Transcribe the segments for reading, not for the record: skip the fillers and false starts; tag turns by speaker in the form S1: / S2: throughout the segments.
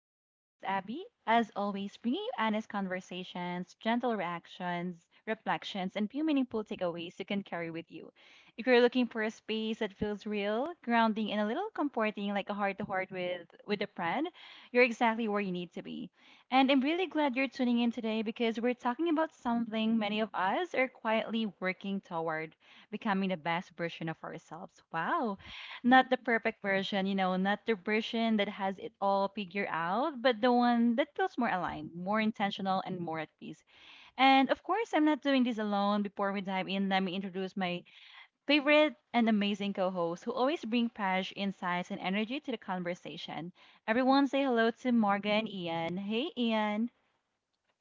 S1: It's your host, Abby. As always, bringing you honest conversations, gentle reactions, reflections, and few meaningful takeaways you can carry with you. If you're looking for a space that feels real, grounding, and a little comforting, like a heart-to-heart with a friend, you're exactly where you need to be. And I'm really glad you're tuning in today because we're talking about something many of us are quietly working toward becoming the best version of ourselves. Wow. Not the perfect version, not the version that has it all figured out, but the one that feels more aligned, more intentional, and more at peace. And of course, I'm not doing this alone. Before we dive in, let me introduce my favorite and amazing co host who always bring fresh insights and energy to the conversation. Everyone say hello to Morgan and Ian. Hey, Ian.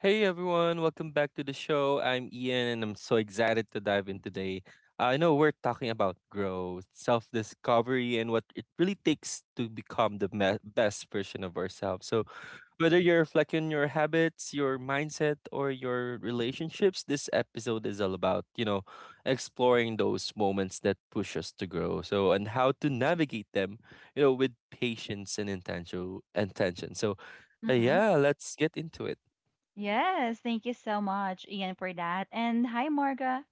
S2: Hey everyone, welcome back to the show. I'm Ian and I'm so excited to dive in today. I know we're talking about growth, self discovery, and what it really takes to become the best version of ourselves. So, whether you're reflecting on your habits, your mindset, or your relationships, this episode is all about exploring those moments that push us to grow. So, and how to navigate them, with patience and intention. So,
S1: hmm
S2: yeah, let's get into it.
S1: Yes, thank you so much, Ian, for that. And hi, Morga.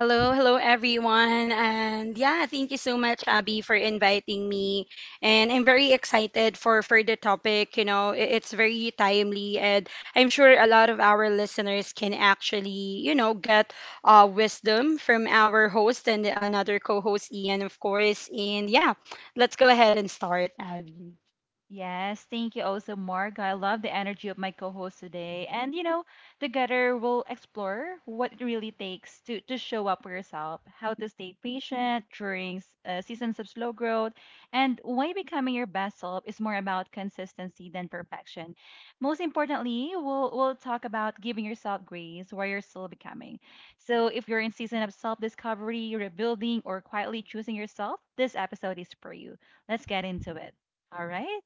S3: Hello, hello everyone. And yeah, thank you so much, Abby, for inviting me. And I'm very excited for the topic. You know, it's very timely, and I'm sure a lot of our listeners can actually, you know, get wisdom from our host and another co-host Ian, of course. And yeah, let's go ahead and start, Abby.
S1: Yes, thank you also, Mark. I love the energy of my co-host today. And you know, together we'll explore what it really takes to show up for yourself, how to stay patient during seasons of slow growth, and why becoming your best self is more about consistency than perfection. Most importantly, we'll talk about giving yourself grace while you're still becoming. So if you're in season of self-discovery, rebuilding, or quietly choosing yourself, this episode is for you. Let's get into it. All right.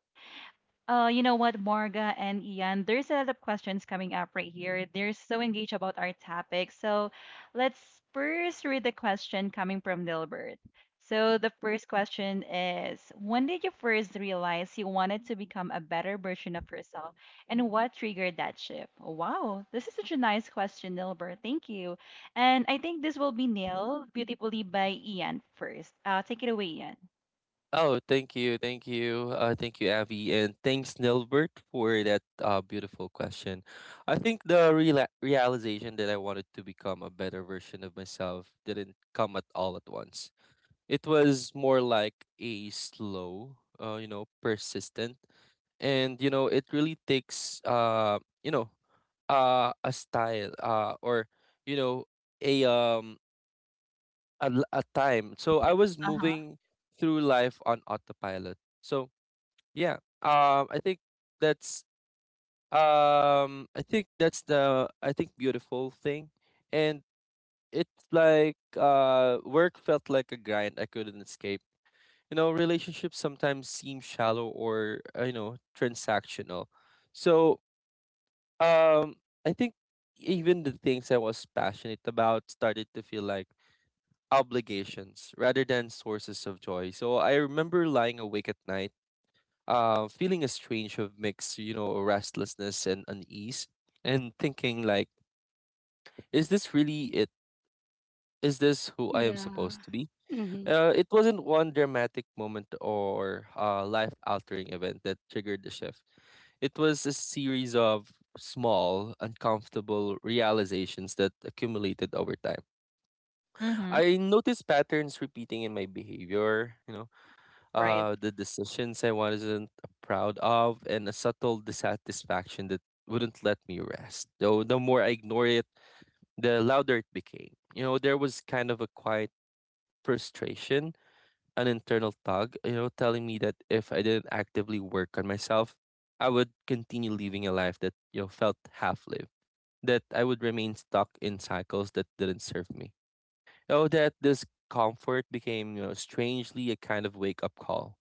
S1: You know what, Marga and Ian, there's a lot of questions coming up right here. They're so engaged about our topic. So let's first read the question coming from Dilbert. So the first question is, when did you first realize you wanted to become a better version of yourself, and what triggered that shift? Wow, this is such a nice question, Dilbert. Thank you. And I think this will be nailed beautifully by Ian first. Take it away, Ian.
S2: Oh, thank you, Avi, and thanks, Nilbert, for that beautiful question. I think the reala realization that I wanted to become a better version of myself didn't come at all at once. It was more like a slow, persistent, and it really takes, you know, a style, or you know, a a time. So I was
S1: Uh-huh.
S2: moving through life on autopilot. So yeah. That's I think that's the I think beautiful thing, and it's like work felt like a grind I couldn't escape. You know, relationships sometimes seem shallow or you know, transactional. So um, I think even the things I was passionate about started to feel like obligations rather than sources of joy. So I remember lying awake at night feeling a strange of mix, you know, restlessness and unease, and thinking like, is this really it? Is this who I am
S3: Yeah.
S2: supposed to be?
S3: hmm
S2: It wasn't one dramatic moment or life-altering event that triggered the shift. It was a series of small, uncomfortable realizations that accumulated over time.
S1: Mm-hmm.
S2: I noticed patterns repeating in my behavior, you know,
S1: Right.
S2: the decisions I wasn't proud of, and a subtle dissatisfaction that wouldn't let me rest. Though the more I ignored it, the louder it became. You know, there was kind of a quiet frustration, an internal tug, you know, telling me that if I didn't actively work on myself, I would continue living a life that, you know, felt half lived, that I would remain stuck in cycles that didn't serve me. Oh, that this comfort became, you know, strangely a kind of wake up call.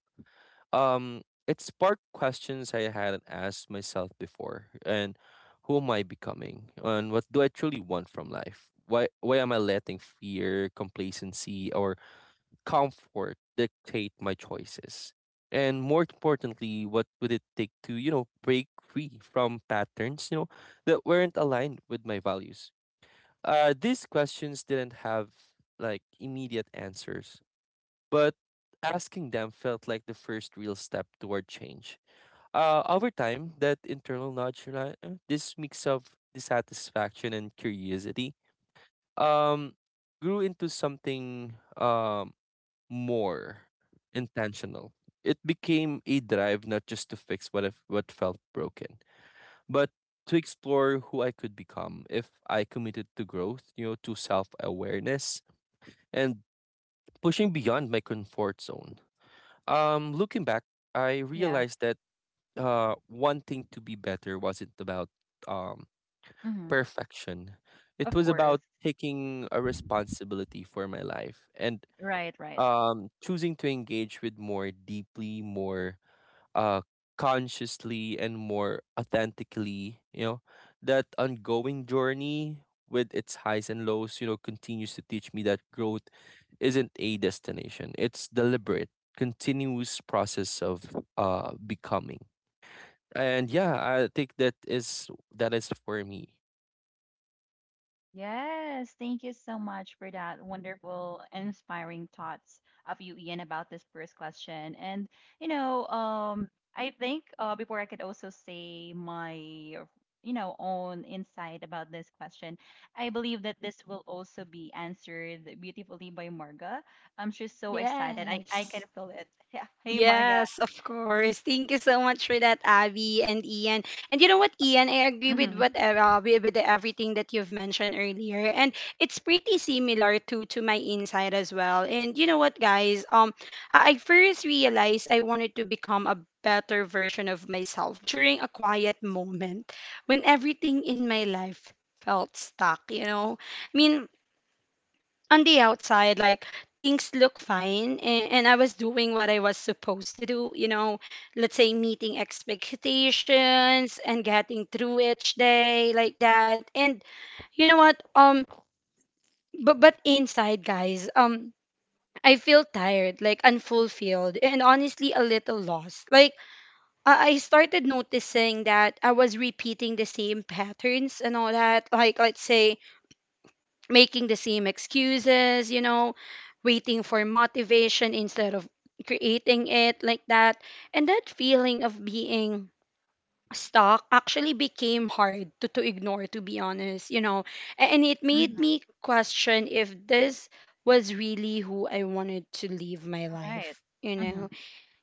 S2: um, it sparked questions I hadn't asked myself before. And who am I becoming? And what do I truly want from life? Why am I letting fear, complacency, or comfort dictate my choices? And more importantly, what would it take to, break free from patterns, that weren't aligned with my values? These questions didn't have like immediate answers, but asking them felt like the first real step toward change. Over time, that internal nudge, this mix of dissatisfaction and curiosity, um, grew into something more intentional. It became a drive not just to fix what if, what felt broken, but to explore who I could become if I committed to growth, you know, to self awareness and pushing beyond my comfort zone. Looking back, I
S1: Yeah.
S2: realized that wanting to be better wasn't about um, perfection. It
S1: Of
S2: was
S1: course.
S2: about taking a responsibility for my life and
S1: Right, right.
S2: choosing to engage with more deeply, more uh consciously and more authentically, you know, that ongoing journey, with its highs and lows, you know, continues to teach me that growth isn't a destination. It's deliberate, continuous process of becoming. And yeah, I think that is for me.
S1: Yes, thank you so much for that wonderful, inspiring thoughts of you, Ian, about this first question. And you know, um, I think before I could also say my, own insight about this question, I believe that this will also be answered beautifully by Marga. She's so excited. I can
S3: Yes.
S1: feel it. Yeah. Hey, Marga.
S3: Yes, of course. Thank you so much for that, Abby and Ian. And you know what, Ian, I agree with
S1: Mm-hmm.
S3: what with everything that you've mentioned earlier, and it's pretty similar to my insight as well. And you know what, guys, I first realized I wanted to become a better version of myself during a quiet moment when everything in my life felt stuck. You know, I mean, on the outside, like things look fine, and I was doing what I was supposed to do, you know, let's say meeting expectations and getting through each day like that. And you know what? But inside, guys, I feel tired, like unfulfilled, and honestly a little lost. Like I started noticing that I was repeating the same patterns and all that. Like let's say making the same excuses, you know, waiting for motivation instead of creating it like that. And that feeling of being stuck actually became hard to ignore, to be honest, you know. And it made
S1: Mm-hmm.
S3: me question if this was really who I wanted to live my
S1: Right.
S3: life, you
S1: Mm-hmm.
S3: know.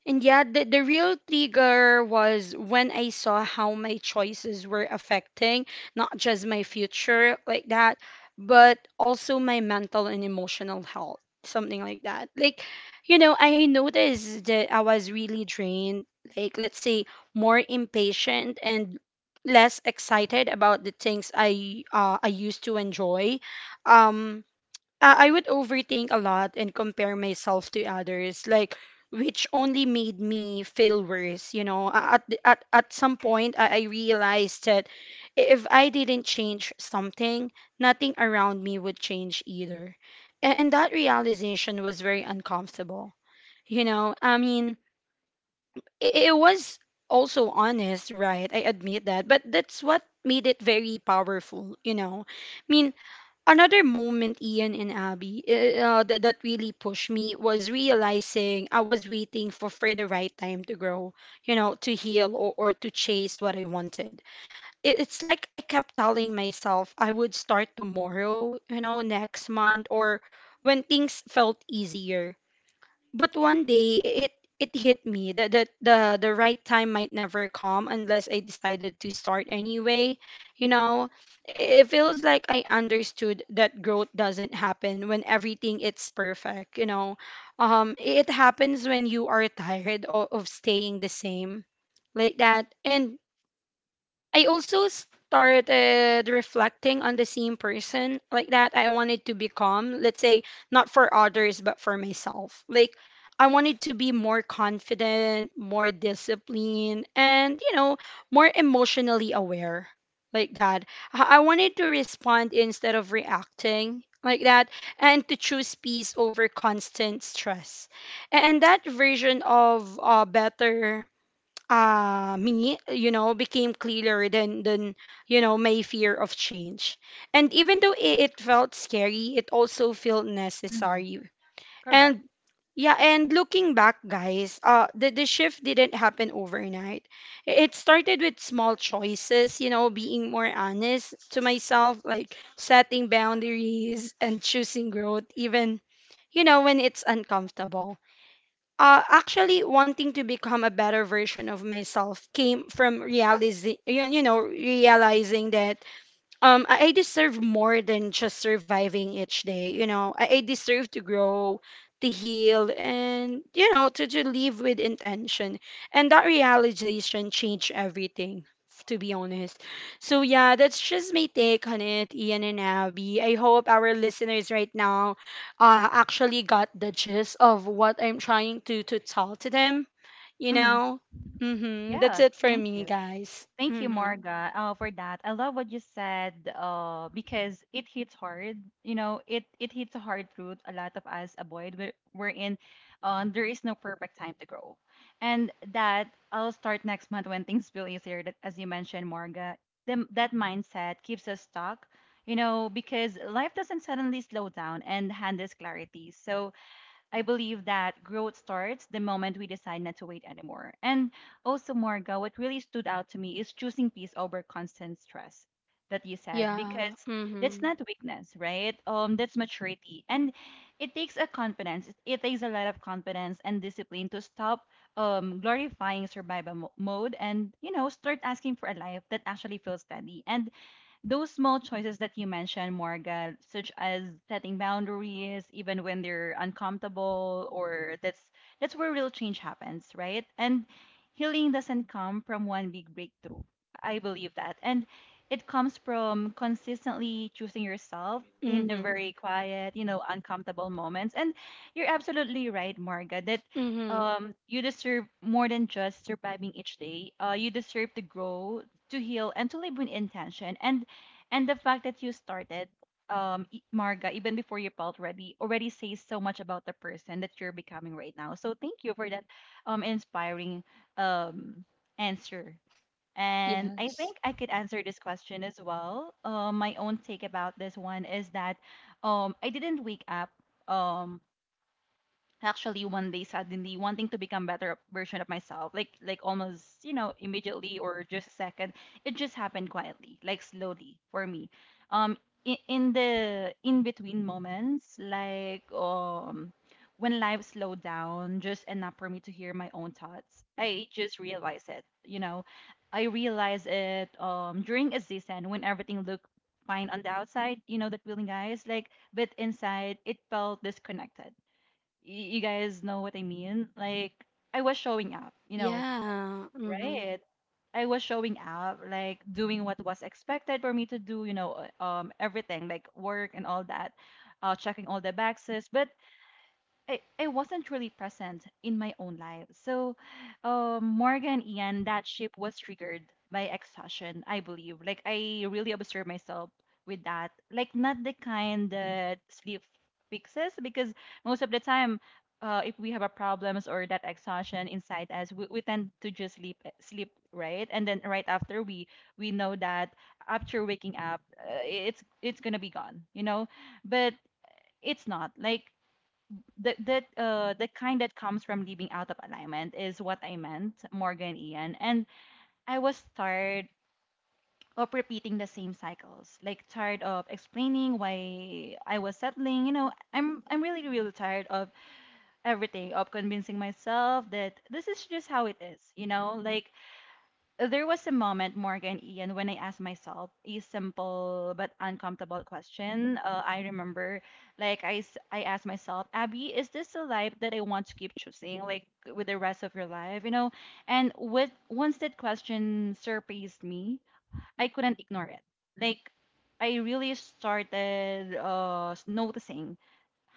S3: And yeah, the real trigger was when I saw how my choices were affecting not just my future like that, but also my mental and emotional health, something like that. Like, you know, I noticed that I was really drained, like, let's say, more impatient and less excited about the things I used to enjoy. Um, I would overthink a lot and compare myself to others, like which only made me feel worse. You know, at at some point, I realized that if I didn't change something, nothing around me would change either, and that realization was very uncomfortable. You know, I mean, it was also honest, right? I admit that, but that's what made it very powerful. You know, I mean another moment, Ian and Abby, that, that really pushed me was realizing I was waiting for the right time to grow, you know, to heal or to chase what I wanted. It's like I kept telling myself I would start tomorrow, you know, next month, or when things felt easier, but one day it hit me that the right time might never come unless I decided to start anyway. You know, it feels like I understood that growth doesn't happen when everything it's perfect. You know, it happens when you are tired of staying the same like that. And I also started reflecting on the same person like that I wanted to become. Let's say not for others, but for myself. Like I wanted to be more confident, more disciplined, and you know, more emotionally aware like that. I wanted to respond instead of reacting like that, and to choose peace over constant stress. And that version of better me, you know, became clearer than you know my fear of change. And even though it felt scary, it also felt
S1: Mm-hmm.
S3: necessary.
S1: Correct.
S3: And yeah, and looking back, guys, the shift didn't happen overnight. It started with small choices, you know, being more honest to myself, like setting boundaries and choosing growth even, you know, when it's uncomfortable. Uh, actually wanting to become a better version of myself came from realizing realizing that I deserve more than just surviving each day. You know, I deserve to grow, to heal, and you know to live with intention. And that realization changed everything, to be honest. So yeah, that's just my take on it, Ian and Abby. I hope our listeners right now actually got the gist of what I'm trying to tell to them, you
S1: Mm-hmm.
S3: know. Mm-hmm. That's
S1: Yeah,
S3: it for
S1: thank
S3: me,
S1: you.
S3: guys.
S1: Thank you,
S3: Mm-hmm.
S1: Marga, for that. I love what you said because it hits hard. You know, it hits a hard truth a lot of us avoid. There is no perfect time to grow. And that I'll start next month when things feel easier, that, as you mentioned, Marga. That mindset keeps us stuck, you know, because life doesn't suddenly slow down and hand us clarity. So, I believe that growth starts the moment we decide not to wait anymore. And also, Morga, what really stood out to me is choosing peace over constant stress that you said,
S3: Yeah.
S1: because that's
S3: Mm-hmm.
S1: not weakness, right? That's maturity. And it takes a confidence. It takes a lot of confidence and discipline to stop glorifying survival mode and, you know, start asking for a life that actually feels steady. And those small choices that you mentioned, Morgan, such as setting boundaries even when they're uncomfortable, or that's where real change happens, right? And healing doesn't come from one big breakthrough. I believe that, and it comes from consistently choosing yourself in a
S3: Mhm.
S1: very quiet, you know, uncomfortable moments. And you're absolutely right, Marga, that
S3: Mhm.
S1: you deserve more than just surviving each day. You deserve to grow, to heal, and to live with intention. And the fact that you started marga even before you felt ready already says so much about the person that you're becoming right now. So thank you for that inspiring um answer. And I
S3: Yes.
S1: think I could answer this question as well. My own take about this one is that I didn't wake up um actually one day suddenly wanting to become better version of myself, like almost, you know, immediately or just a second. It just happened quietly, like slowly for me um in the in between moments, like when life slowed down just enough for me to hear my own thoughts. I just realized it, you know. I realized it during a season when everything looked fine on the outside, you know, that feeling, guys, like but inside it felt disconnected. You guys know what I mean? Like, I was showing up, you know,
S3: Yeah. Mhm.
S1: right? I was showing up, like doing what was expected for me to do, you know, everything like work and all that, checking all the boxes. But I wasn't really present in my own life. So, Morgan, Ian, that ship was triggered by exhaustion, I believe. Like, I really observe myself with that. Like, not the kind that sleep fixes, because most of the time, if we have a problems or that exhaustion inside us, we tend to just sleep, sleep, right? And then right after, we know that after waking up, it's gonna be gone, you know. But it's not like that the kind that comes from living out of alignment is what I meant, Morgan Ian. And I was tired of repeating the same cycles. Like tired of explaining why I was settling. You know, I'm really, really tired of everything, of convincing myself that this is just how it is, you know? Like there was a moment, Morgan Ian, when I asked myself a simple but uncomfortable question. I remember, like, I asked myself, Abby, is this the life that I want to keep choosing, like, with the rest of your life, you know? And with once that question surprised me, I couldn't ignore it. Like I really started noticing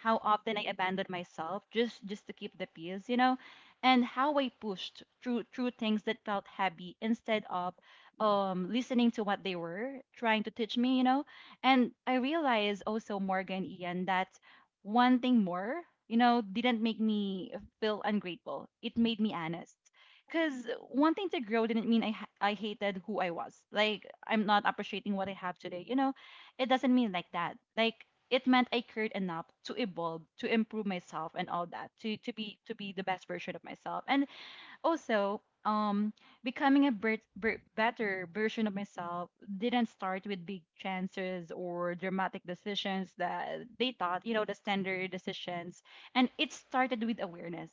S1: how often I abandoned myself just to keep the peace, you know, and how I pushed through things that felt heavy instead of listening to what they were trying to teach me, you know. And I realized also Morgan Ian that one thing more, you know, didn't make me feel ungrateful. It made me honest. Because wanting to grow didn't mean I hated who I was. Like I'm not appreciating what I have today. You know, it doesn't mean like that. Like it meant I cared enough to evolve, to improve myself, and all that, to be the best version of myself. And also, becoming a better version of myself didn't start with big chances or dramatic decisions that they thought, you know, the standard decisions. And it started with awareness,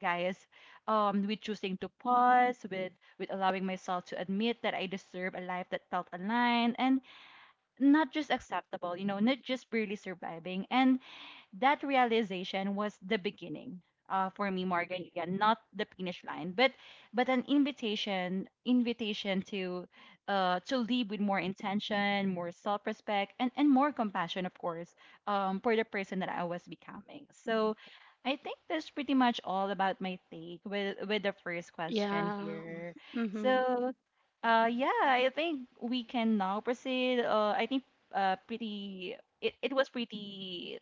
S1: guys. With choosing to pause, with allowing myself to admit that I deserve a life that felt aligned and not just acceptable, you know, not just barely surviving. And that realization was the beginning for me, Morgan. Again, not the finish line, but an invitation to live with more intention, more self-respect, and more compassion, of course, for the person that I was becoming. So. I think that's pretty much all about my take with the first question
S3: Yeah.
S1: here.
S3: Mhm.
S1: So, yeah, I think we can now proceed. I think Pretty it was pretty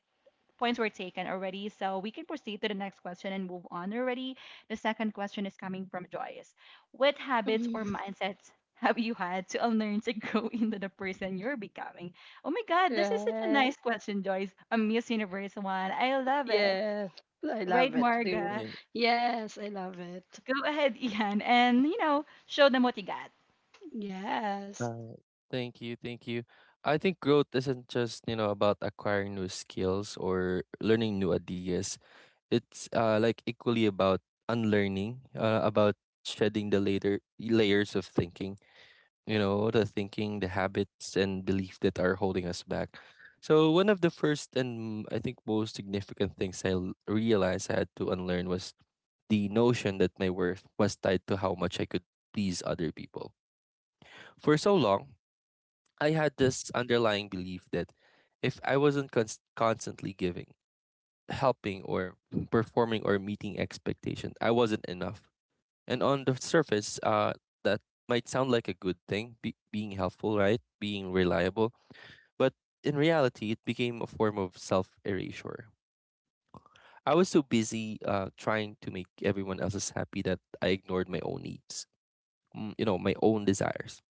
S1: points were taken already. So we can proceed to the next question and move on already. The second question is coming from Joyce. What habits or
S3: Mhm.
S1: mindsets have you had to unlearn to grow into the person you're becoming? Oh my God, this is such a nice
S3: Right.
S1: question, Joyce. A Miss Universe one. I love it.
S3: Yes. I love
S1: Right,
S3: it too.
S1: Marga?
S2: And,
S3: Yes, I love it.
S1: Go ahead, Ian, and you know, show them what you got.
S3: Yes.
S2: uh, thank you. I think growth isn't just, you know, about acquiring new skills or learning new ideas. It's like equally about unlearning, about shedding the later layers of thinking. You know, the thinking, the habits, and belief that are holding us back. So one of the first and I think most significant things I realized I had to unlearn was the notion that my worth was tied to how much I could please other people. For so long, I had this underlying belief that if I wasn't constantly giving, helping or performing or meeting expectations, I wasn't enough. And on the surface, that might sound like a good thing, being helpful, right? Being reliable. But in reality, it became a form of self erasure. I was so busy trying to make everyone else's happy that I ignored my own needs, you know, my own desires,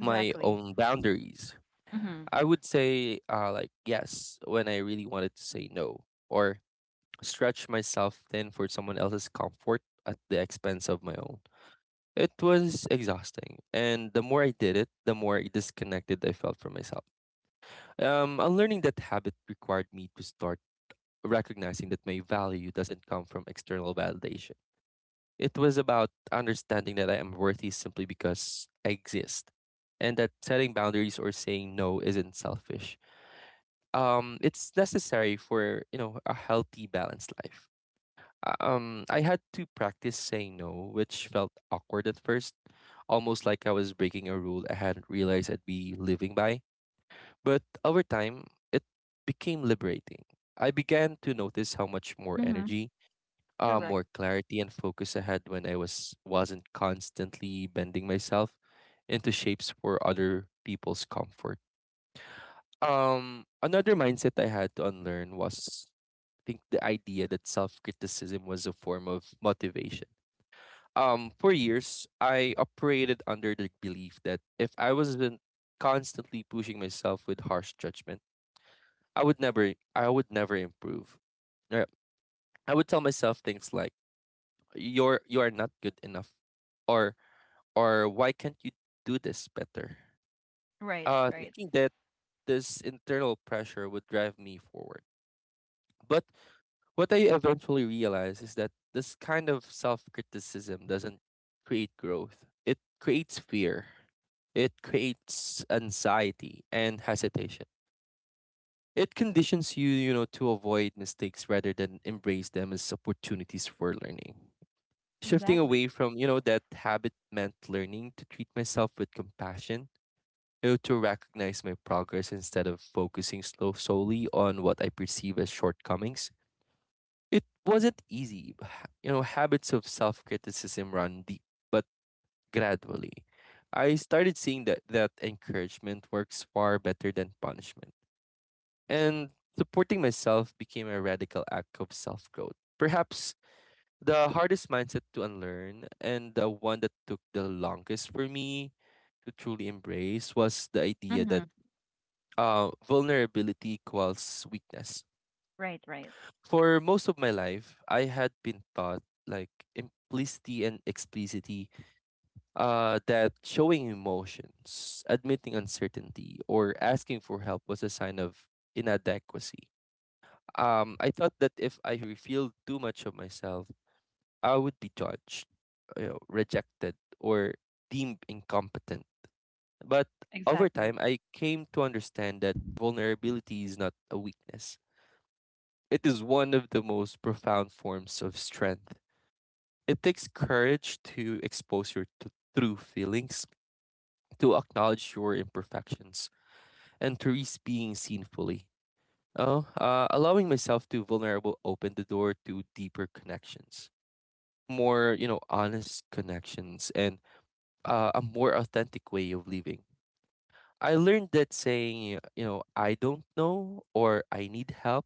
S2: my own boundaries.
S1: Mm-hmm.
S2: I would say, like, yes, when I really wanted to say no, or stretch myself thin for someone else's comfort at the expense of my own. It was exhausting, and the more I did it, the more disconnected I felt from myself. Unlearning that habit required me to start recognizing that my value doesn't come from external validation. It was about understanding that I am worthy simply because I exist, and that setting boundaries or saying no isn't selfish. It's necessary for, you know, a healthy, balanced life. I had to practice saying no, which felt awkward at first, almost like I was breaking a rule I hadn't realized I'd be living by. But over time, it became liberating. I began to notice how much more
S1: Mm-hmm.
S2: energy,
S1: Correct.
S2: more clarity and focus I had when I wasn't constantly bending myself into shapes for other people's comfort. Another mindset I had to unlearn was, I think, the idea that self criticism was a form of motivation. For years I operated under the belief that if I wasn't constantly pushing myself with harsh judgment, I would never improve. Or I would tell myself things like, you are not good enough, or why can't you do this better?
S1: Right, right.
S2: Thinking that this internal pressure would drive me forward. But what I eventually realized is that this kind of self criticism doesn't create growth. It creates fear, it creates anxiety and hesitation. It conditions you, you know, to avoid mistakes rather than embrace them as opportunities for learning. Shifting
S1: Exactly.
S2: away from, you know, that habit meant learning to treat myself with compassion, you know, to recognize my progress instead of focusing slow solely on what I perceive as shortcomings. It wasn't easy. You know, habits of self criticism run deep, but gradually, I started seeing that, encouragement works far better than punishment. And supporting myself became a radical act of self growth. Perhaps the hardest mindset to unlearn, and the one that took the longest for me to truly embrace, was the idea that
S1: Mm-hmm.
S2: vulnerability equals weakness.
S1: Right, right.
S2: For most of my life, I had been taught, like, implicity and explicitly, that showing emotions, admitting uncertainty, or asking for help was a sign of inadequacy. I thought that if I revealed too much of myself, I would be judged, you know, rejected, or deemed incompetent. But over
S1: Exactly. Of
S2: time, I came to understand that vulnerability is not a weakness. It is one of the most profound forms of strength. It takes courage to expose your true feelings, to acknowledge your imperfections, and to risk being seen fully. Oh, allowing myself to vulnerable opened the door to deeper connections, more, you know, honest connections, and a more authentic way of living. I learned that saying, you know, I don't know, or I need help,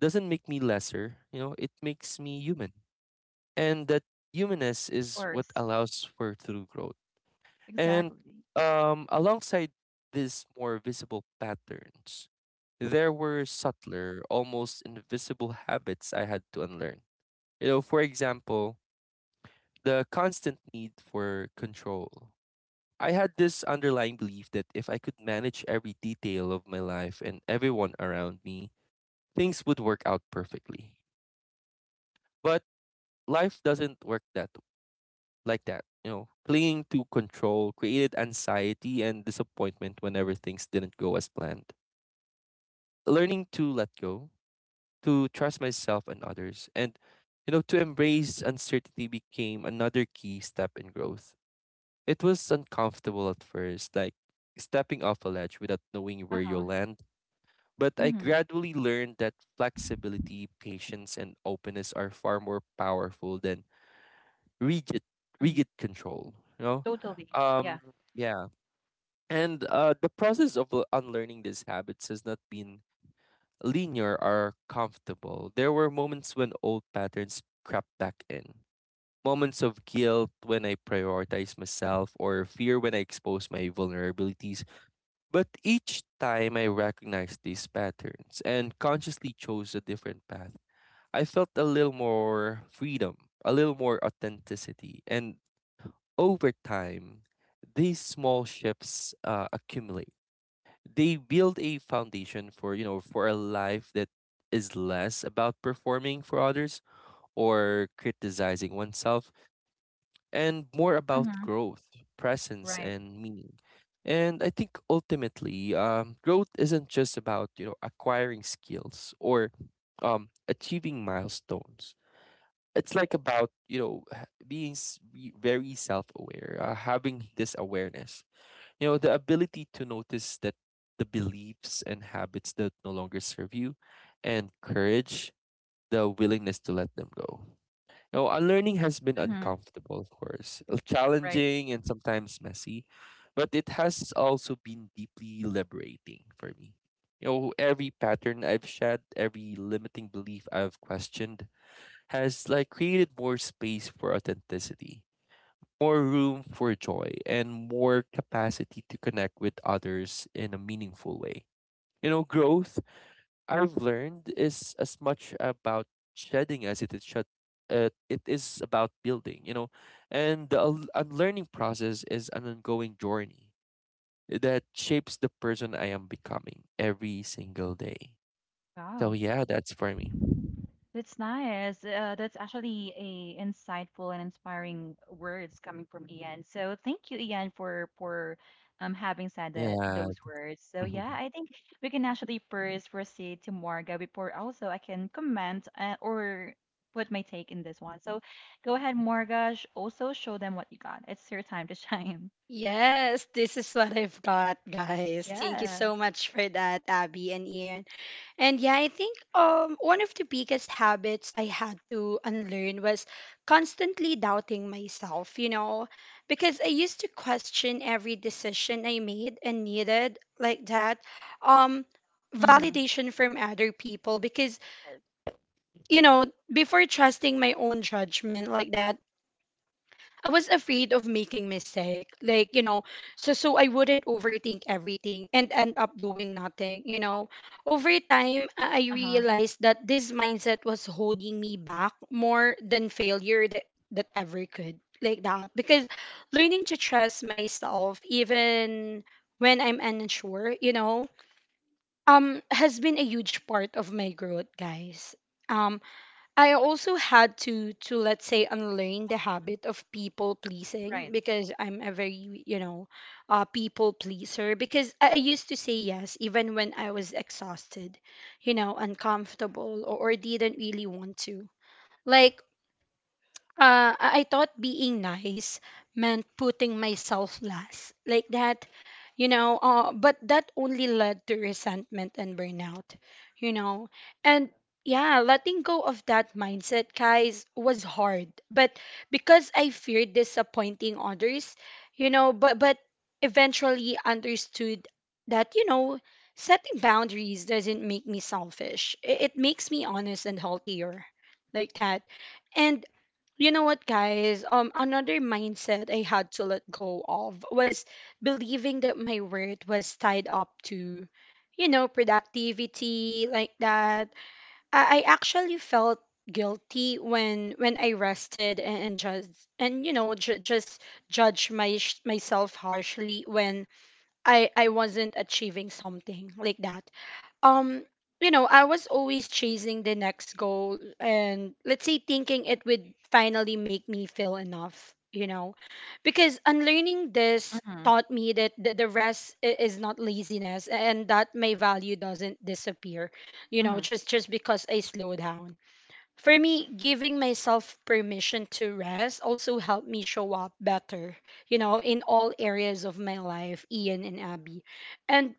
S2: doesn't make me lesser. You know, it makes me human, and that humanness is what
S1: course.
S2: allows for true growth. And
S1: Exactly.
S2: alongside these more visible patterns, there were subtler, almost invisible habits I had to unlearn. You know, for example, the constant need for control. I had this underlying belief that if I could manage every detail of my life and everyone around me, things would work out perfectly. But life doesn't work that like that. You know, clinging to control created anxiety and disappointment whenever things didn't go as planned. Learning to let go, to trust myself and others, and, you know, to embrace uncertainty, became another key step in growth. It was uncomfortable at first, like stepping off a ledge without knowing where you'll
S1: Uh-huh.
S2: land. But I
S1: Mhm,
S2: gradually learned that flexibility, patience, and openness are far more powerful than rigid,
S1: mhm.
S2: rigid control. You know,
S1: Totally.
S2: um,
S1: Yeah.
S2: yeah. And the process of unlearning these habits has not been linear or comfortable. There were moments when old patterns crept back in, moments of guilt when I prioritized myself, or fear when I exposed my vulnerabilities. But each time I recognized these patterns and consciously chose a different path, I felt a little more freedom, a little more authenticity. And over time, these small shifts accumulate. They build a foundation for, you know, for a life that is less about performing for others or criticizing oneself, and more about
S1: Mhm.
S2: growth, presence
S1: Right.
S2: and meaning. And I think ultimately, growth isn't just about, you know, acquiring skills or achieving milestones. It's like about, you know, be very self-aware, having this awareness, you know, the ability to notice that the beliefs and habits that no longer serve you, and courage, the willingness to let them go. Now, unlearning has been
S1: Mhm.
S2: uncomfortable, of course,
S1: Right.
S2: challenging and sometimes messy, but it has also been deeply liberating for me. You know, every pattern I've shed, every limiting belief I've questioned, has like created more space for authenticity, more room for joy, and more capacity to connect with others in a meaningful way. You know, growth, I've learned, is as much about shedding as it is shed. It is about building, you know, and the unlearning process is an ongoing journey that shapes the person I am becoming every single day. So
S1: Wow,
S2: yeah, that's for me.
S1: that's nice. That's actually a insightful and inspiring words coming from Ian. So thank you, Ian, for having said that
S2: Yeah.
S1: those words. So yeah, I think we can actually first proceed to Morga before also I can comment or put my take in this one. So go ahead, Morga. Sh also show them what you got. It's your time to shine.
S3: Yes, this is what I've got, guys. Thank you
S1: Yeah.
S3: so much for that, Abby and Ian. And yeah, I think one of the biggest habits I had to unlearn was constantly doubting myself, you know, because I used to question every decision I made and needed like that um
S1: Mm-hmm.
S3: validation from other people because, you know, before trusting my own judgment like that, I was afraid of making mistake, like, you know, so I wouldn't overthink everything and end up doing nothing, you know. Over time, I
S1: Uh-huh.
S3: realized that this mindset was holding me back more than failure that that ever could, like that. Because learning to trust myself, even when I'm unsure, you know, has been a huge part of my growth, guys. Um, I also had to let's say unlearn the habit of people pleasing,
S1: Right.
S3: because I'm a very, you know, people pleaser, because I used to say yes even when I was exhausted, you know, uncomfortable or didn't really want to. Like I thought being nice meant putting myself last, like that, you know. But that only led to resentment and burnout, you know. And yeah, letting go of that mindset, guys, was hard. But because I feared disappointing others, you know, but eventually understood that, you know, setting boundaries doesn't make me selfish. It makes me honest and healthier, like that. And you know what, guys? Another mindset I had to let go of was believing that my worth was tied up to, you know, productivity like that. I actually felt guilty when I rested, and just and you know ju- just judge my myself harshly when I wasn't achieving something like that. um you know, I was always chasing the next goal and let's say thinking it would finally make me feel enough, you know, because unlearning this
S1: Mhm.
S3: taught me that the rest is not laziness, and that my value doesn't disappear, you know,
S1: Mhm.
S3: just because I slow down. For me, giving myself permission to rest also helped me show up better, you know, in all areas of my life, Ian and Abby. And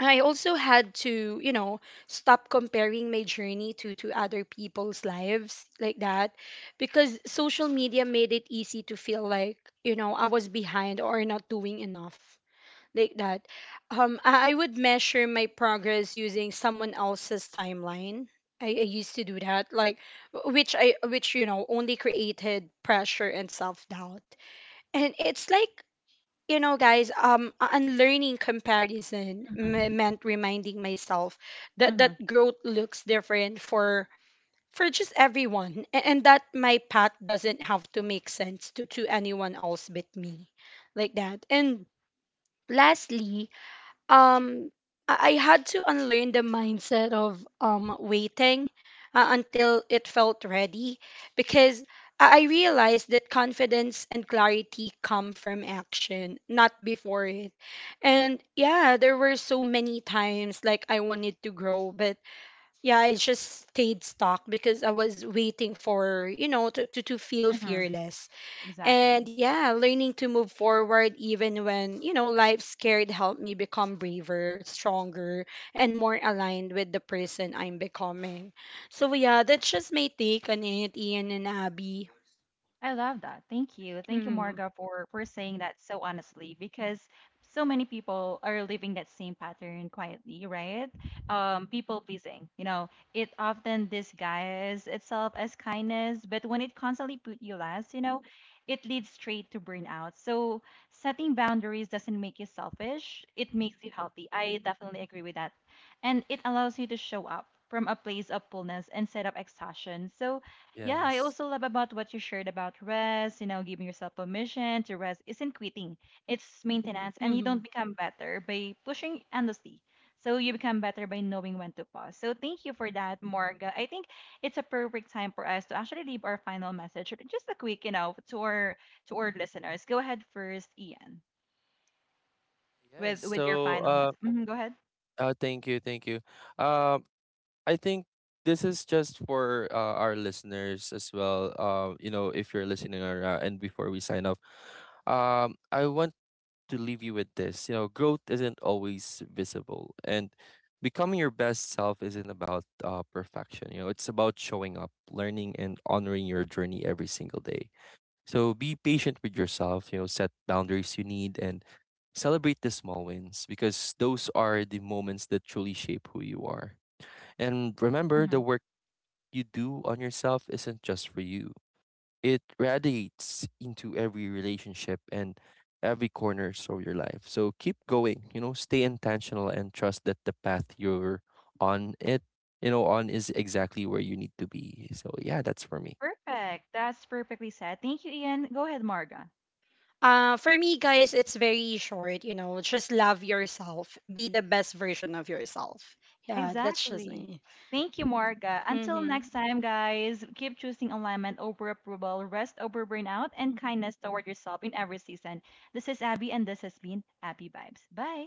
S3: I also had to, you know, stop comparing my journey to other people's lives like that, because social media made it easy to feel like, you know, I was behind or not doing enough like that. I would measure my progress using someone else's timeline. I used to do that, like which I which you know only created pressure and self-doubt. And it's like, you know, guys, unlearning comparison
S1: Mhm.
S3: meant reminding myself that
S1: Mhm.
S3: that growth looks different for just everyone, and that my path doesn't have to make sense to anyone else but me, like that. And lastly, um I I had to unlearn the mindset of waiting until it felt ready, because I realized that confidence and clarity come from action, not before it. And yeah, there were so many times like I wanted to grow, but yeah, I just stayed stuck because I was waiting for, you know, to feel
S1: Mhm.
S3: fearless.
S1: Exactly.
S3: And yeah, learning to move forward even when, you know, life scared helped me become braver, stronger, and more aligned with the person I'm becoming. So yeah, that's just my take on it, Ian and Abby.
S1: I love that. Thank you. Thank you,
S3: Hmm.
S1: Marga, for saying that so honestly because so many people are living that same pattern quietly, right? People pleasing. You know, it often disguises itself as kindness, but when it constantly put you last, you know, it leads straight to burnout. So setting boundaries doesn't make you selfish. It makes you healthy. I definitely agree with that. And it allows you to show up from a place of fullness instead of exhaustion. So yeah, I
S2: Yes.
S1: also love about what you shared about rest, you know, giving yourself permission to rest isn't quitting. It's maintenance and you
S3: Hmm.
S1: don't become better by pushing endlessly. So you become better by knowing when to pause. So thank you for that, Morga. I think it's a perfect time for us to actually leave our final message. Or just a quick, you know, to our listeners. Go ahead first, Ian,
S2: Yes.
S1: with your
S2: So
S1: final message. Go ahead.
S2: thank you. Um I think this is just for our listeners as well. You know, if you're listening or, and before we sign off, I want to leave you with this. You know, growth isn't always visible, and becoming your best self isn't about perfection. You know, it's about showing up, learning, and honoring your journey every single day. So be patient with yourself. You know, set boundaries you need, and celebrate the small wins, because those are the moments that truly shape who you are. And remember,
S1: hmm
S2: the work you do on yourself isn't just for you, it radiates into every relationship and every corner of your life. So keep going, you know, stay intentional and trust that the path you're on it, on is exactly where you need to be. So yeah, that's for me.
S1: Perfect. That's perfectly said. Thank you, Ian. Go ahead, Marga.
S3: For me, guys, it's very short, you know, just love yourself. Be the best version of yourself. Yeah, that's just
S1: Exactly.
S3: me.
S1: Thank you, Marga. Until
S3: Hmm.
S1: next time, guys, keep choosing alignment over approval, rest over burnout, and kindness toward yourself in every season. This is Abby, and this has been Abby Vibes. Bye.